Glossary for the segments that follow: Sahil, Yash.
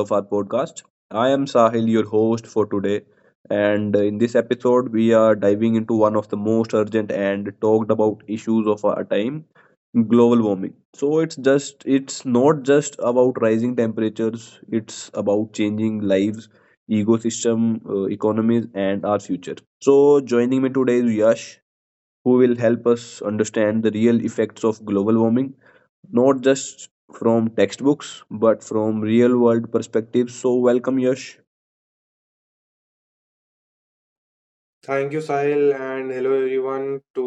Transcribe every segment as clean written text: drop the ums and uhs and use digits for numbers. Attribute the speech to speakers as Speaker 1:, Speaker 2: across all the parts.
Speaker 1: of our podcast. I am Sahil, your host for today. And in this episode, we are diving into one of the most urgent and talked about issues of our time: global warming. So, it's not just about rising temperatures, it's about changing lives, ecosystem, economies, and our future. So, joining me today is Yash, who will help us understand the real effects of global warming, not just from textbooks but from real world perspectives. So, welcome, Yash.
Speaker 2: Thank you, Sahil, and hello everyone to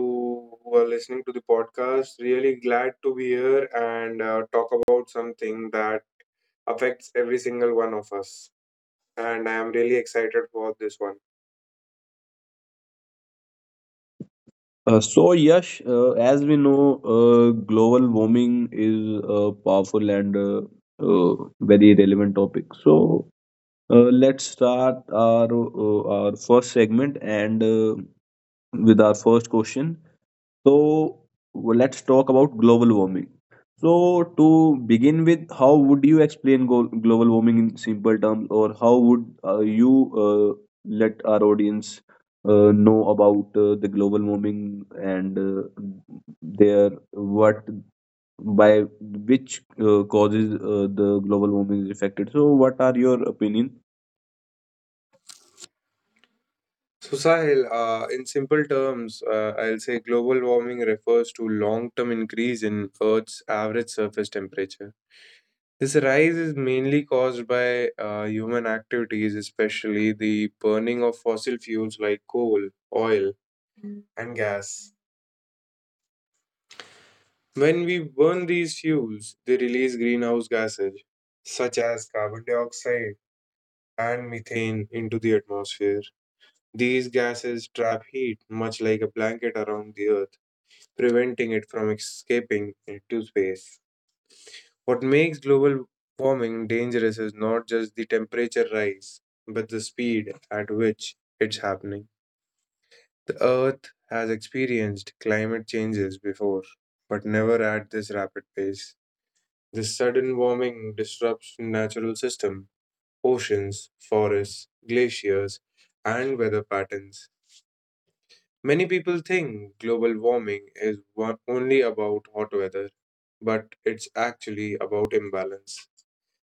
Speaker 2: who are listening to the podcast. Really glad to be here and talk about something that affects every single one of us. And I am really excited for this one.
Speaker 1: So, Yash, as we know, global warming is a powerful and uh, very relevant topic. So, let's start our first segment and with our first question. So let's talk about global warming. So, to begin with, how would you explain global warming in simple terms, or how would you uh, let our audience know about the global warming and their what by which causes the global warming is affected? So what are your opinion?
Speaker 2: So, Sahil, in simple terms, I'll say global warming refers to long term increase in Earth's average surface temperature. This rise is mainly caused by human activities, especially the burning of fossil fuels like coal, oil, and gas. When we burn these fuels, they release greenhouse gases such as carbon dioxide and methane into the atmosphere. These gases trap heat much like a blanket around the earth, preventing it from escaping into space. What makes global warming dangerous is not just the temperature rise, but the speed at which it's happening. The Earth has experienced climate changes before, but never at this rapid pace. This sudden warming disrupts natural systems, oceans, forests, glaciers, and weather patterns. Many people think global warming is one, only about hot weather, but it's actually about imbalance.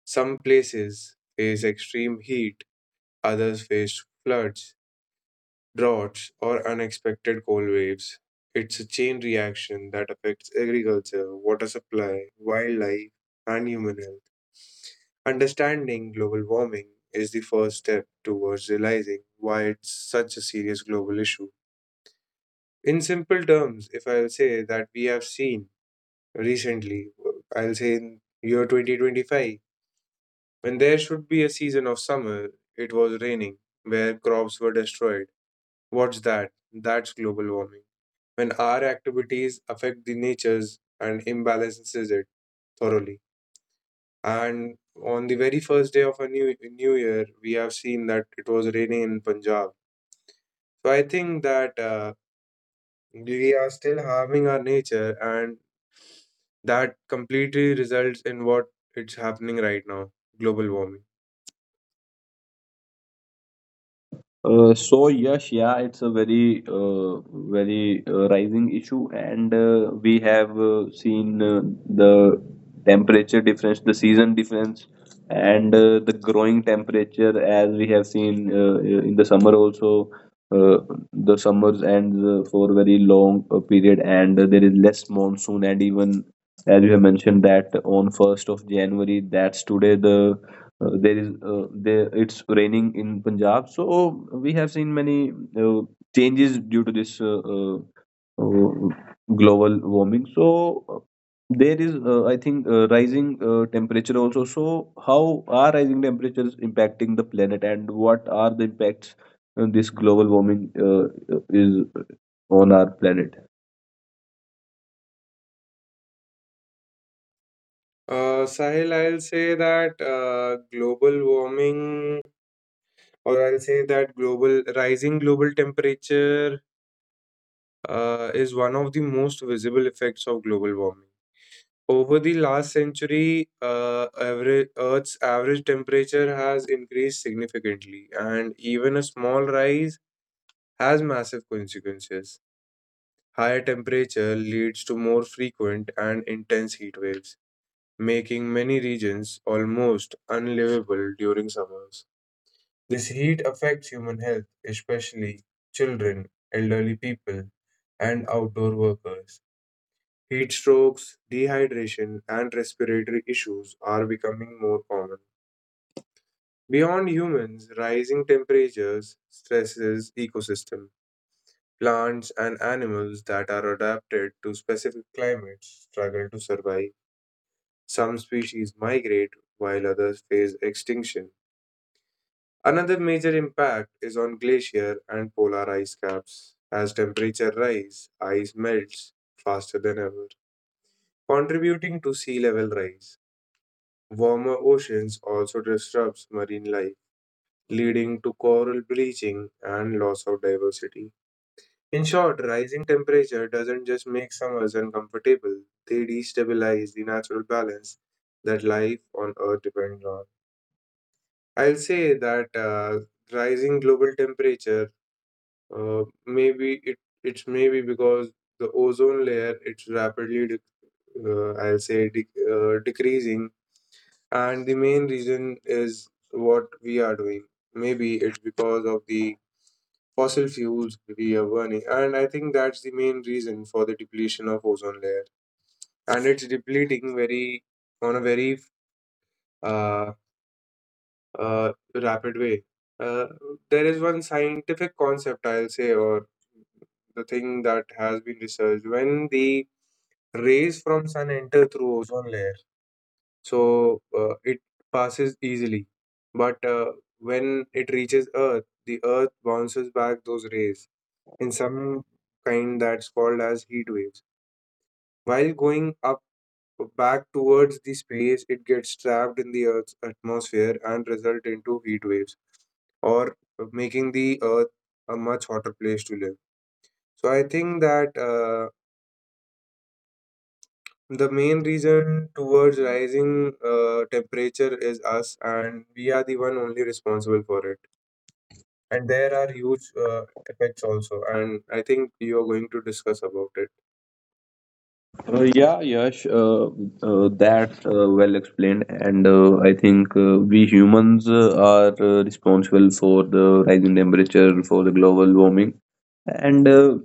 Speaker 2: Some places face extreme heat, others face floods, droughts, or unexpected cold waves. It's a chain reaction that affects agriculture, water supply, wildlife, and human health. Understanding global warming is the first step towards realizing why it's such a serious global issue. In simple terms, if I'll say that we have seen recently, I'll say in year 2025, when there should be a season of summer, it was raining, where crops were destroyed. What's that? That's global warming. When our activities affect the nature's and imbalances it thoroughly. And on the very first day of a new year, we have seen that it was raining in Punjab. So I think that we are still harming our nature, and that completely results in what it's happening right now, global warming.
Speaker 1: So yes, yeah, it's a very rising issue, and we have seen the temperature difference, the season difference, and the growing temperature, as we have seen in the summer also. Uh, the summers ends for a very long period, and there is less monsoon, and even as you have mentioned that on 1st of January, that's today, there it's raining in Punjab. So, oh, we have seen many uh, changes due to this uh, global warming. So uh, there is I think rising temperature also. So how are rising temperatures impacting the planet, and what are the impacts this global warming is on our planet?
Speaker 2: Sahil, I'll say that global warming, or I'll say that global rising global temperature is one of the most visible effects of global warming. Over the last century, average, Earth's average temperature has increased significantly, and even a small rise has massive consequences. Higher temperature leads to more frequent and intense heat waves making many regions almost unlivable during summers. This heat affects human health, especially children, elderly people, and outdoor workers. Heat strokes, dehydration, and respiratory issues are becoming more common. Beyond humans, rising temperatures stresses ecosystem. Plants and animals that are adapted to specific climates struggle to survive. Some species migrate while others face extinction. Another major impact is on glacier and polar ice caps. As temperature rise, ice melts faster than ever, contributing to sea level rise. Warmer oceans also disrupts marine life, leading to coral bleaching and loss of diversity. In short, rising temperature doesn't just make summers uncomfortable, they destabilize the natural balance that life on Earth depends on. I'll say that rising global temperature, maybe it's maybe because the ozone layer it's rapidly dec I'll say decreasing, and the main reason is what we are doing. Maybe it's because of the fossil fuels we are burning, and I think that's the main reason for the depletion of ozone layer, and it's depleting very on a very uh, rapid way. Uh, there is one scientific concept, I'll say, or the thing that has been researched. When the rays from sun enter through ozone layer, so it passes easily, but when it reaches Earth, the Earth bounces back those rays in some kind that's called as heat waves. While going up back towards the space, it gets trapped in the Earth's atmosphere and result into heat waves or making the Earth a much hotter place to live. So I think that the main reason towards rising temperature is us, and we are the one only responsible for it. And there are huge effects also, and I think you are going to discuss about it.
Speaker 1: Yeah, Yash, that's well explained, and I think we humans are responsible for the rising temperature, for the global warming, and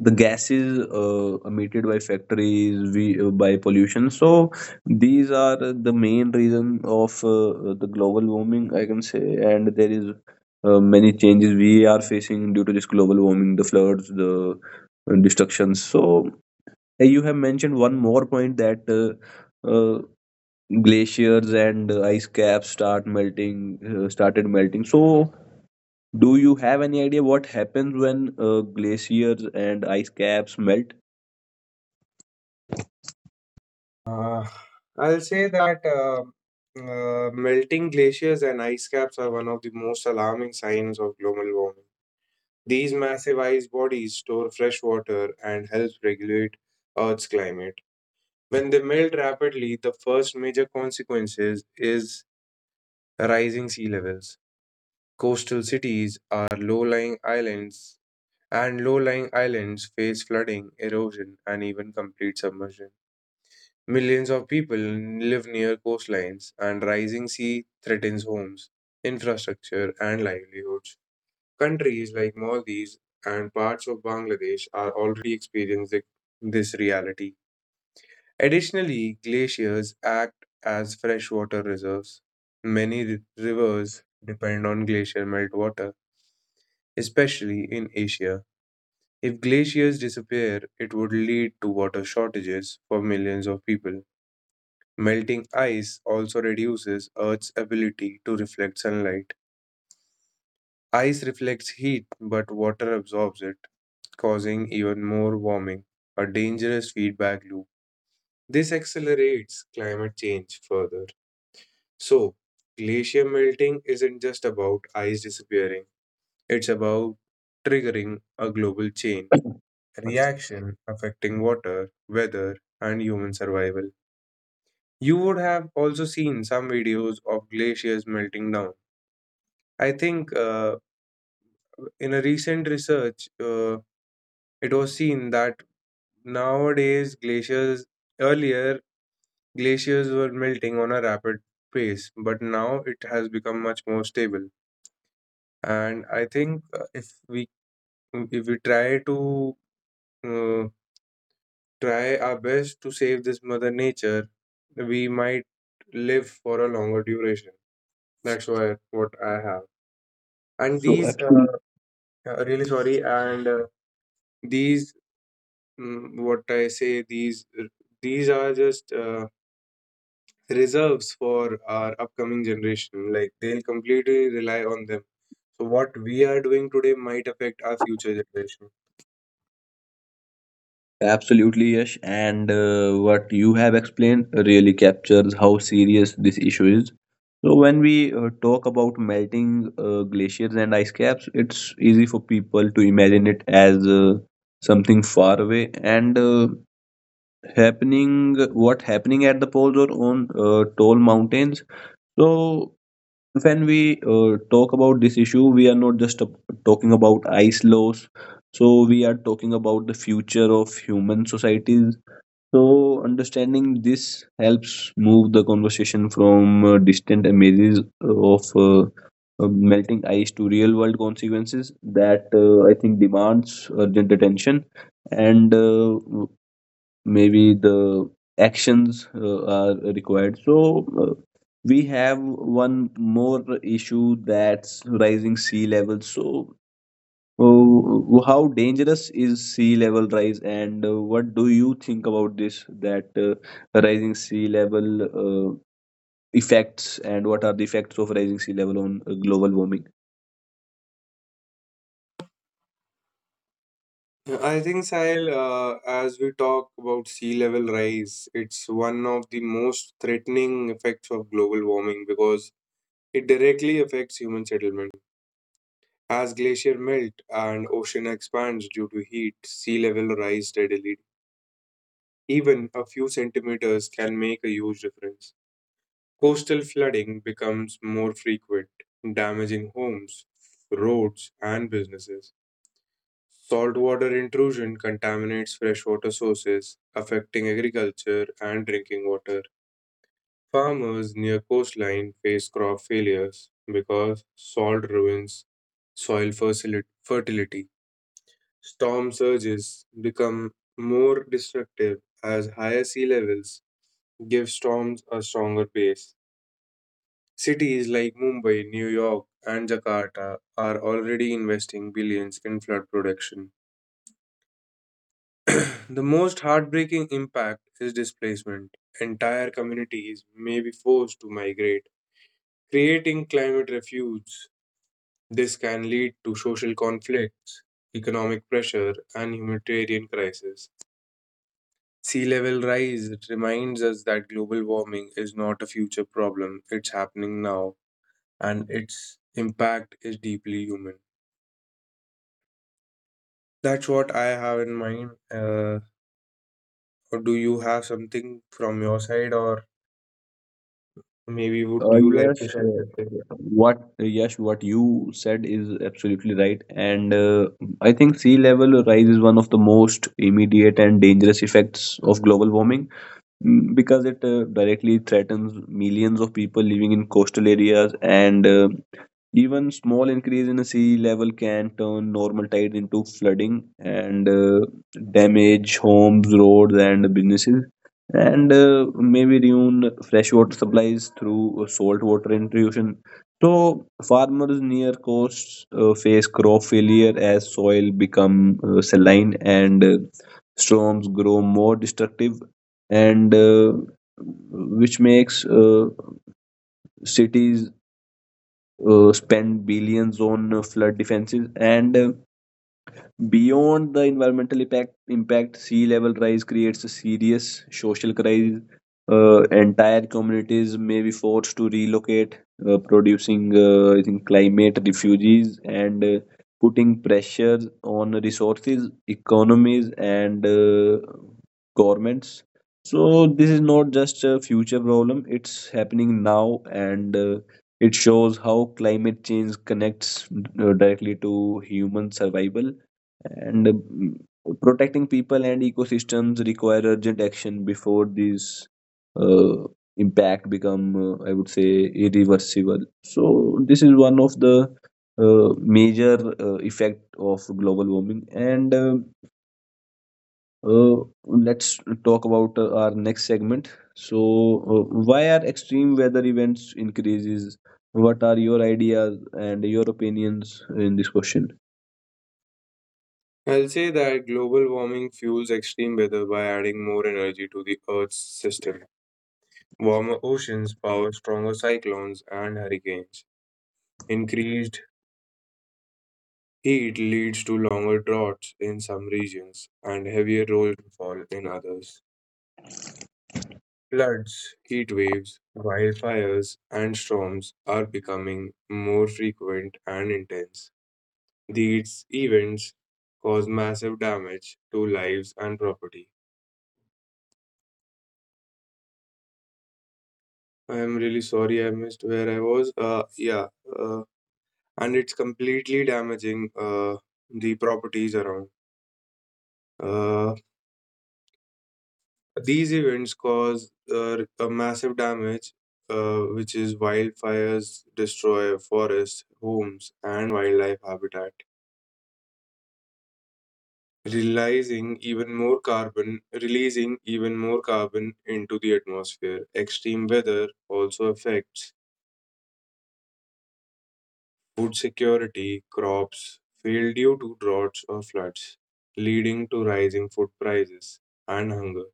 Speaker 1: the gases emitted by factories, we by pollution. So these are the main reason of the global warming, I can say, and there is many changes we are facing due to this global warming, the floods, the destructions. So, you have mentioned one more point, that glaciers and ice caps started melting. So, do you have any idea what happens when glaciers and ice caps melt?
Speaker 2: Uh, I'll say that melting glaciers and ice caps are one of the most alarming signs of global warming. These massive ice bodies store fresh water and help regulate Earth's climate. When they melt rapidly, the first major consequences is rising sea levels. Coastal cities are low-lying islands, and low-lying islands face flooding, erosion, and even complete submersion. Millions of people live near coastlines, and rising sea threatens homes, infrastructure, and livelihoods. Countries like Maldives and parts of Bangladesh are already experiencing this reality. Additionally, glaciers act as freshwater reserves. Many rivers depend on glacier meltwater, especially in Asia. If glaciers disappear, it would lead to water shortages for millions of people. Melting ice also reduces Earth's ability to reflect sunlight. Ice reflects heat, but water absorbs it, causing even more warming, a dangerous feedback loop. This accelerates climate change further. So, glacier melting isn't just about ice disappearing, it's about triggering a global chain reaction affecting water, weather, and human survival. You would have also seen some videos of glaciers melting down. I think in a recent research, it was seen that nowadays glaciers, earlier glaciers were melting on a rapid pace, but now it has become much more stable. And I think if we try to uh, try our best to save this mother nature, we might live for a longer duration. That's why what I have. And
Speaker 1: So,
Speaker 2: these
Speaker 1: absolutely,
Speaker 2: really sorry and. These what I say, these are just reserves for our upcoming generation. Like they'll completely rely on them. So what we are doing today might affect our future generation.
Speaker 1: absolutely, Yash. And what you have explained really captures how serious this issue is. So when we talk about melting glaciers and ice caps, it's easy for people to imagine it as something far away and happening at the poles or on tall mountains. So when we talk about this issue, we are not just talking about ice loss. So we are talking about the future of human societies, so understanding this helps move the conversation from distant images of uh, melting ice to real world consequences that I think demands urgent attention, and maybe the actions are required. So, uh, we have one more issue, that's rising sea levels. So, oh, how dangerous is sea level rise, and what do you think about this? That rising sea level uh, effects, and what are the effects of rising sea level on global warming?
Speaker 2: I think, Sahil, as we talk about sea level rise, it's one of the most threatening effects of global warming because it directly affects human settlement. As glacier melt and ocean expands due to heat, sea level rise steadily. Even a few centimeters can make a huge difference. Coastal flooding becomes more frequent, damaging homes, roads, and businesses. Saltwater intrusion contaminates freshwater sources, affecting agriculture and drinking water. Farmers near coastline face crop failures because salt ruins soil fertility. Storm surges become more destructive as higher sea levels give storms a stronger pace. Cities like Mumbai, New York, and Jakarta are already investing billions in flood protection. The most heartbreaking impact is displacement. Entire communities may be forced to migrate, creating climate refuge. This can lead to social conflicts, economic pressure, and humanitarian crisis. Sea level rise reminds us that global warming is not a future problem, it's happening now and its impact is deeply human. That's what I have in mind. Or do you have something from your side, or maybe would
Speaker 1: Uh,
Speaker 2: you like to
Speaker 1: yes,
Speaker 2: share something?
Speaker 1: uh, what uh, yes, what you said is absolutely right, and I think sea level rise is one of the most immediate and dangerous effects of global warming, because it directly threatens millions of people living in coastal areas, and even small increase in the sea level can turn normal tide into flooding and damage homes, roads, and businesses, and maybe ruin freshwater supplies through salt water intrusion. So farmers near coasts face crop failure as soil become saline, and storms grow more destructive, and which makes cities spend billions on flood defenses, and beyond the environmental impact, sea level rise creates a serious social crisis. Entire communities may be forced to relocate, producing, I think, climate refugees, and putting pressure on resources, economies, and governments. So this is not just a future problem; it's happening now, and it shows how climate change connects directly to human survival, and protecting people and ecosystems require urgent action before these uh, impact become I would say irreversible. So this is one of the major effect of global warming, and uh, let's talk about our next segment. So uh, why are extreme weather events increases? What are your ideas and your opinions in this question?
Speaker 2: I'll say that global warming fuels extreme weather by adding more energy to the Earth's system. Warmer oceans power stronger cyclones and hurricanes. Increased heat leads to longer droughts in some regions and heavier rainfall in others. Floods, heat waves, wildfires, and storms are becoming more frequent and intense. These events cause massive damage to lives and property. I am really sorry I missed where I was. Yeah, uh, and it's completely damaging the properties around. Uh, these events cause a massive damage, which is wildfires destroy forests, homes, and wildlife habitat releasing even more carbon, into the atmosphere. Extreme weather also affects food security, crops fail due to droughts or floods, leading to rising food prices and hunger.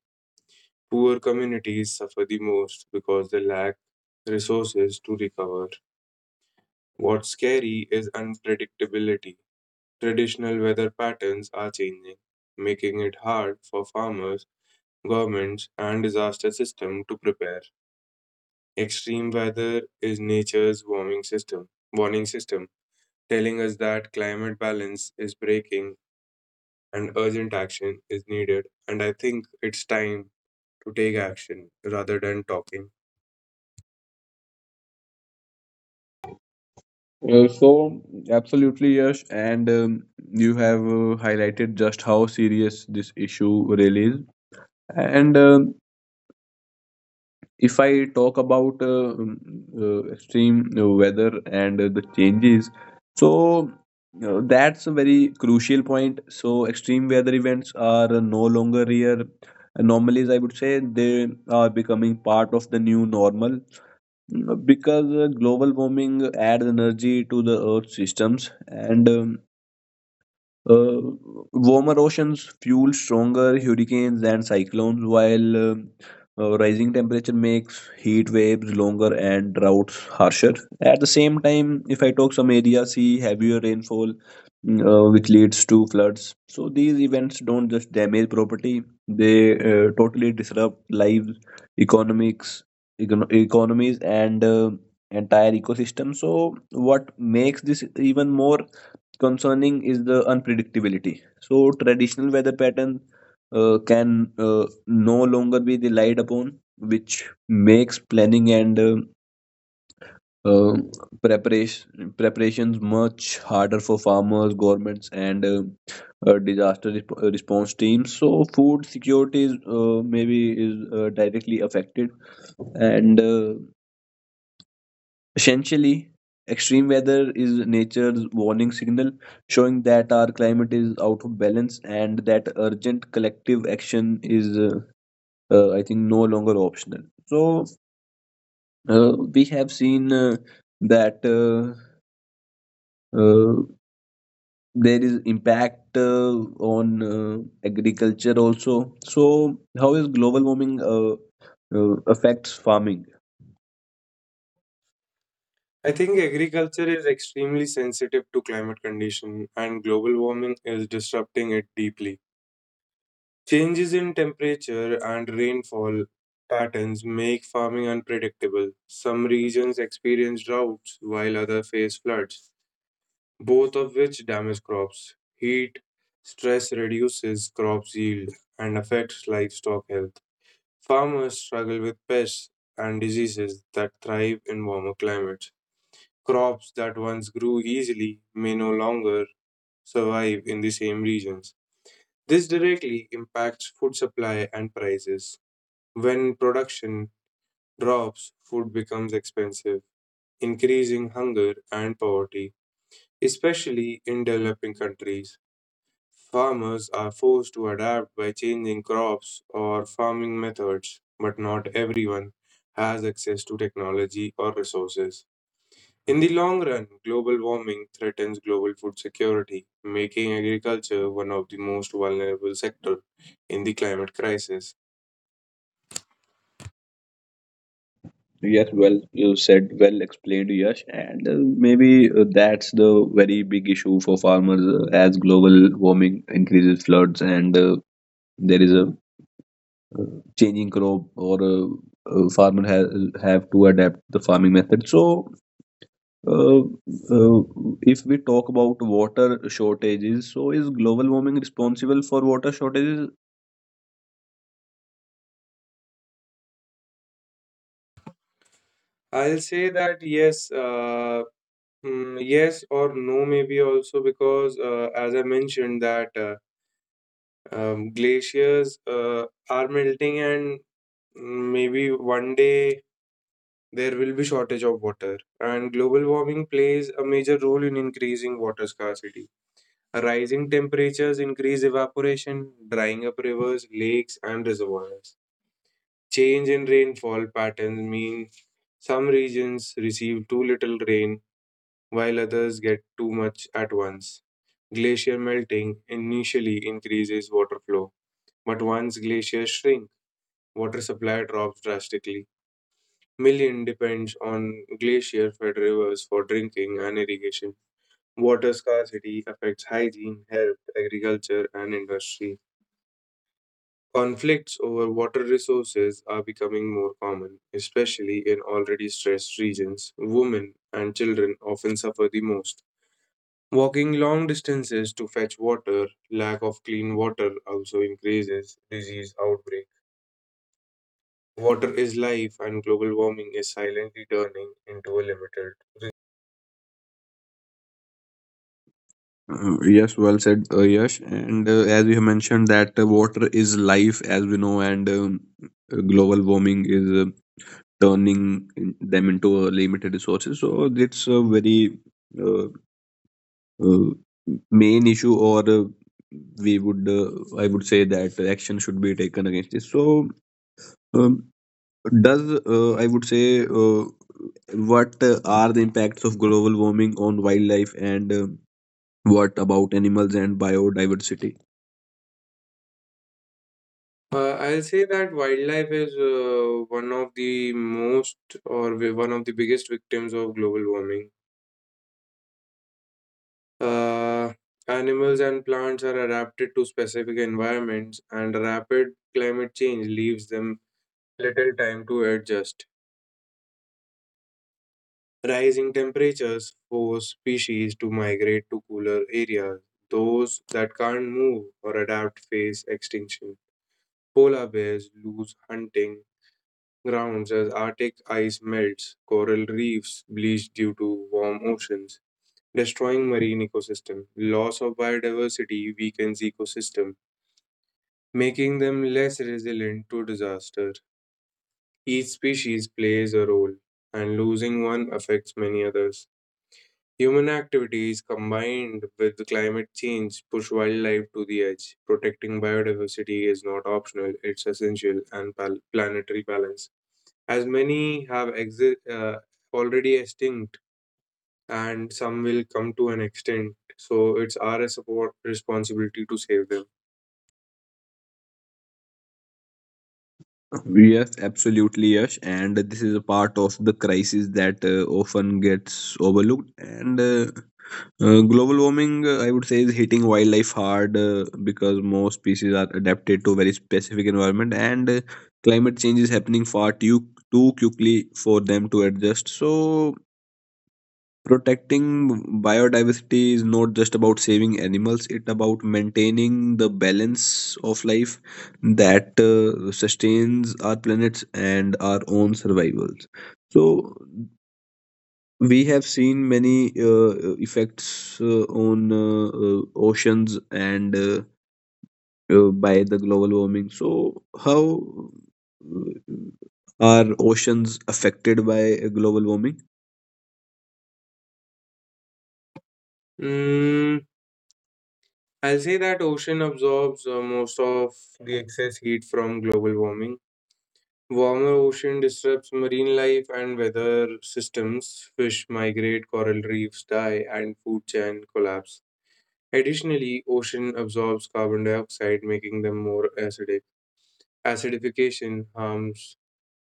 Speaker 2: Poor communities suffer the most because they lack resources to recover. What's scary is unpredictability. Traditional weather patterns are changing, making it hard for farmers governments, and disaster system to prepare. Extreme weather is nature's warning system, telling us that climate balance is breaking and urgent action is needed. And I think it's time to take action rather than talking.
Speaker 1: So, absolutely yes, and you have highlighted just how serious this issue really is, and if I talk about extreme weather and the changes, so that's a very crucial point. So extreme weather events are no longer rare anomalies, I would say they are becoming part of the new normal, because global warming adds energy to the earth systems, and Uh, warmer oceans fuel stronger hurricanes and cyclones, while rising temperature makes heat waves longer and droughts harsher. At the same time, if I talk some areas see heavier rainfall, which leads to floods. So these events don't just damage property; they totally disrupt lives, economics, economies, and entire ecosystem. So what makes this even more concerning is the unpredictability. So traditional weather pattern can no longer be relied upon, which makes planning and uh, preparations much harder for farmers, governments, and disaster response teams. So food security is maybe is directly affected, and essentially, extreme weather is nature's warning signal, showing that our climate is out of balance and that urgent collective action is, I think, no longer optional. So, we have seen that uh, there is impact on agriculture also. So, how is global warming affects farming?
Speaker 2: I think agriculture is extremely sensitive to climate condition and global warming is disrupting it deeply. Changes in temperature and rainfall patterns make farming unpredictable. Some regions experience droughts while others face floods, both of which damage crops. Heat stress reduces crops yield and affects livestock health. Farmers struggle with pests and diseases that thrive in warmer climates. Crops that once grew easily may no longer survive in the same regions. This directly impacts food supply and prices. When production drops, food becomes expensive, increasing hunger and poverty. Especially in developing countries, farmers are forced to adapt by changing crops or farming methods, but not everyone has access to technology or resources. In the long run, global warming threatens global food security, making agriculture one of the most vulnerable sectors in the climate crisis.
Speaker 1: Yes, well, you said well explained, Yash, and maybe that's the very big issue for farmers as global warming increases floods, and there is a uh, changing crop, or a, farmer has have to adapt the farming method. So, uh, uh, if we talk about water shortages, so is global warming responsible for water shortages?
Speaker 2: I'll say that yes, yes or no, maybe also because, as I mentioned, that glaciers are melting, and maybe one day there will be shortage of water. And global warming plays a major role in increasing water scarcity. Rising temperatures increase evaporation, drying up rivers, lakes, and reservoirs. Change in rainfall patterns mean some regions receive too little rain, while others get too much at once. Glacier melting initially increases water flow, but once glaciers shrink, water supply drops drastically. Million depends on glacier-fed rivers for drinking and irrigation. Water scarcity affects hygiene, health, agriculture, and industry. Conflicts over water resources are becoming more common, especially in already stressed regions. Women and children often suffer the most. Walking long distances to fetch water, lack of clean water also increases disease outbreak. Water is life, and global warming is silently turning into a limited. res-
Speaker 1: Yes, well said, Yash. And as you have mentioned that water is life, as we know, and global warming is turning them into limited resources. So it's a very uh, uh, main issue, or we would, uh, I would say that action should be taken against this. So um, does I would say what are the impacts of global warming on wildlife, and what about animals and biodiversity?
Speaker 2: I'll say that wildlife is one of the most or one of the biggest victims of global warming. Uh, Animals and plants are adapted to specific environments, and rapid climate change leaves them little time to adjust. Rising temperatures force species to migrate to cooler areas. Those that can't move or adapt face extinction. Polar bears lose hunting grounds as Arctic ice melts, coral reefs bleach due to warm oceans, destroying marine ecosystem. Loss of biodiversity weakens ecosystem, making them less resilient to disaster. Each species plays a role, and losing one affects many others. Human activities combined with climate change push wildlife to the edge. Protecting biodiversity is not optional, it's essential and planetary balance. As many have already extinct and some will come to an extent, so it's our support responsibility to save them.
Speaker 1: Yes, absolutely, Yash. And this is a part of the crisis that often gets overlooked. And global warming, I would say, is hitting wildlife hard because most species are adapted to very specific environment, and climate change is happening far too quickly for them to adjust. So protecting biodiversity is not just about saving animals, it's about maintaining the balance of life that sustains our planets and our own survivals. So we have seen many effects on oceans, and by the global warming. So how uh, are oceans affected by global warming?
Speaker 2: Mm, I'll say that ocean absorbs most of the excess heat from global warming. Warmer ocean disrupts marine life and weather systems. Fish migrate, coral reefs die, and food chain collapse. Additionally, ocean absorbs carbon dioxide, making them more acidic. Acidification harms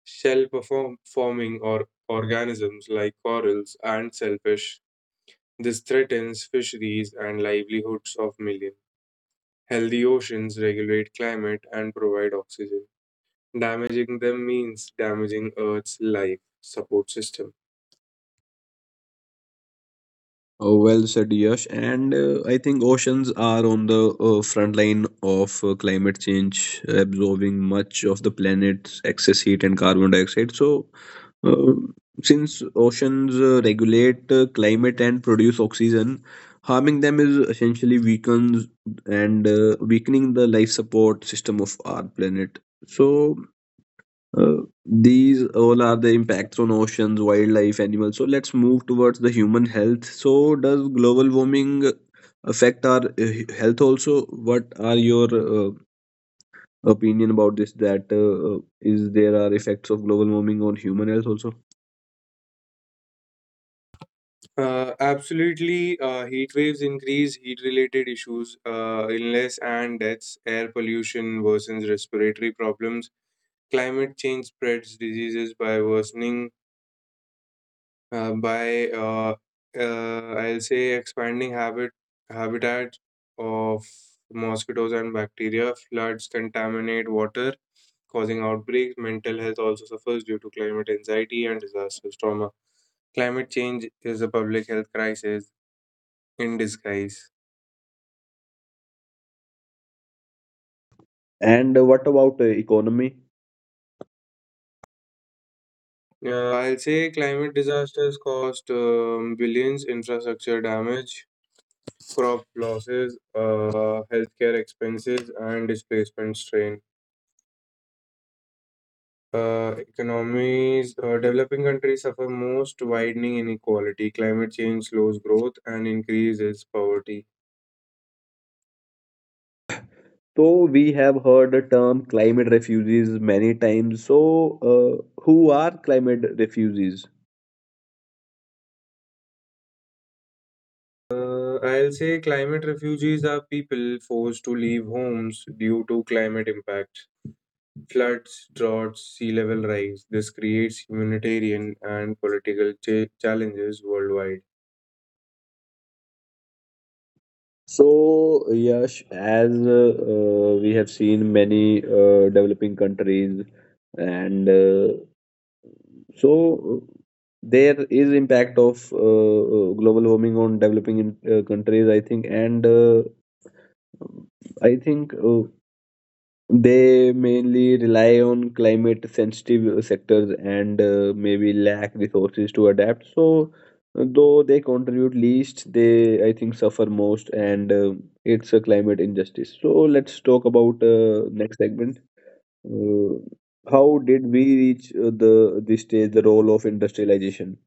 Speaker 2: forming or organisms like corals and shellfish. This threatens fisheries and livelihoods of millions. Healthy oceans regulate climate and provide oxygen. Damaging them means damaging Earth's life support system.
Speaker 1: Well said, Yash. And I think oceans are on the front line of climate change, absorbing much of the planet's excess heat and carbon dioxide. So, uh, since oceans regulate climate and produce oxygen, harming them is essentially weakens and weakening the life support system of our planet. So, these all are the impacts on oceans, wildlife, animals. So let's move towards the human health. So does global warming affect our health also? What are your opinion about this? That is there are effects of global warming on human health also?
Speaker 2: Absolutely, heat waves increase heat related issues, illness and deaths, air pollution worsens respiratory problems, climate change spreads diseases by worsening by I'll say expanding habitat of mosquitoes and bacteria. Floods contaminate water, causing outbreaks. Mental health also suffers due to climate anxiety and disastrous trauma. Climate change is a public health crisis in disguise.
Speaker 1: And what about economy?
Speaker 2: I'll say climate disasters cost billions, infrastructure damage, crop losses, healthcare expenses, and displacement strain. Economies, developing countries suffer most widening inequality. Climate change slows growth and increases poverty.
Speaker 1: So we have heard the term climate refugees many times. So, who are climate refugees?
Speaker 2: I'll say climate refugees are people forced to leave homes due to climate impact, floods, droughts, sea level rise. This creates humanitarian and political challenges worldwide.
Speaker 1: So, Yash, as we have seen many developing countries, and so uh, there is impact of global warming on developing countries, I think, and I think they mainly rely on climate sensitive sectors, and maybe lack resources to adapt. So, though they contribute least, they I think suffer most, and it's a climate injustice. So, let's talk about next segment. Uh, how did we reach the this stage? The role of industrialization.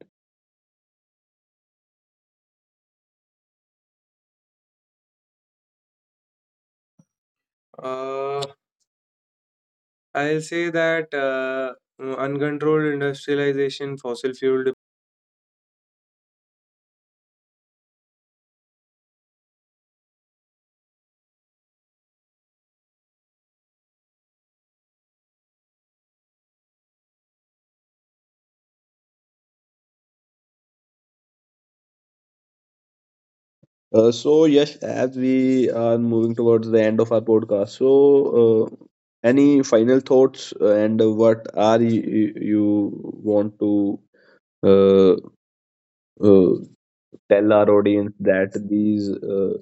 Speaker 2: Uh, I'll say that uncontrolled industrialization, fossil fuel.
Speaker 1: So, yes, as we are moving towards the end of our podcast, so uh, any final thoughts, and what are you want to uh, uh, tell our audience, that these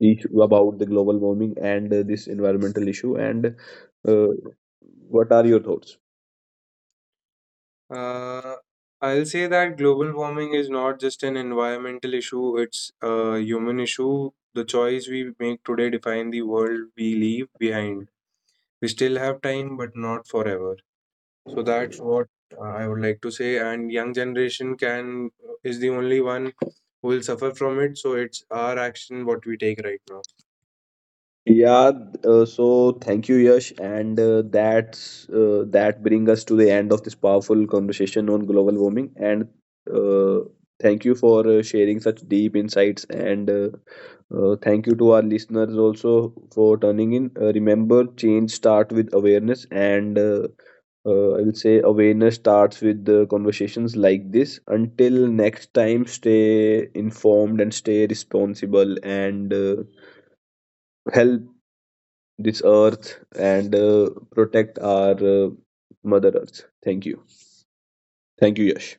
Speaker 1: issue about the global warming, and this environmental issue, and uh, what are your thoughts?
Speaker 2: Uh, I'll say that global warming is not just an environmental issue, it's a human issue. The choice we make today define the world we leave behind. We still have time, but not forever. So that's what I would like to say. And young generation can is the only one who will suffer from it. So it's our action what we take right now.
Speaker 1: Yeah, so thank you, Yash, and that bring us to the end of this powerful conversation on global warming. And uh, thank you for sharing such deep insights. And thank you to our listeners also for turning in. Remember, change start with awareness, and I will say awareness starts with the conversations like this. Until next time, stay informed and stay responsible, and help this earth, and protect our mother earth. Thank you. Thank you, Yash.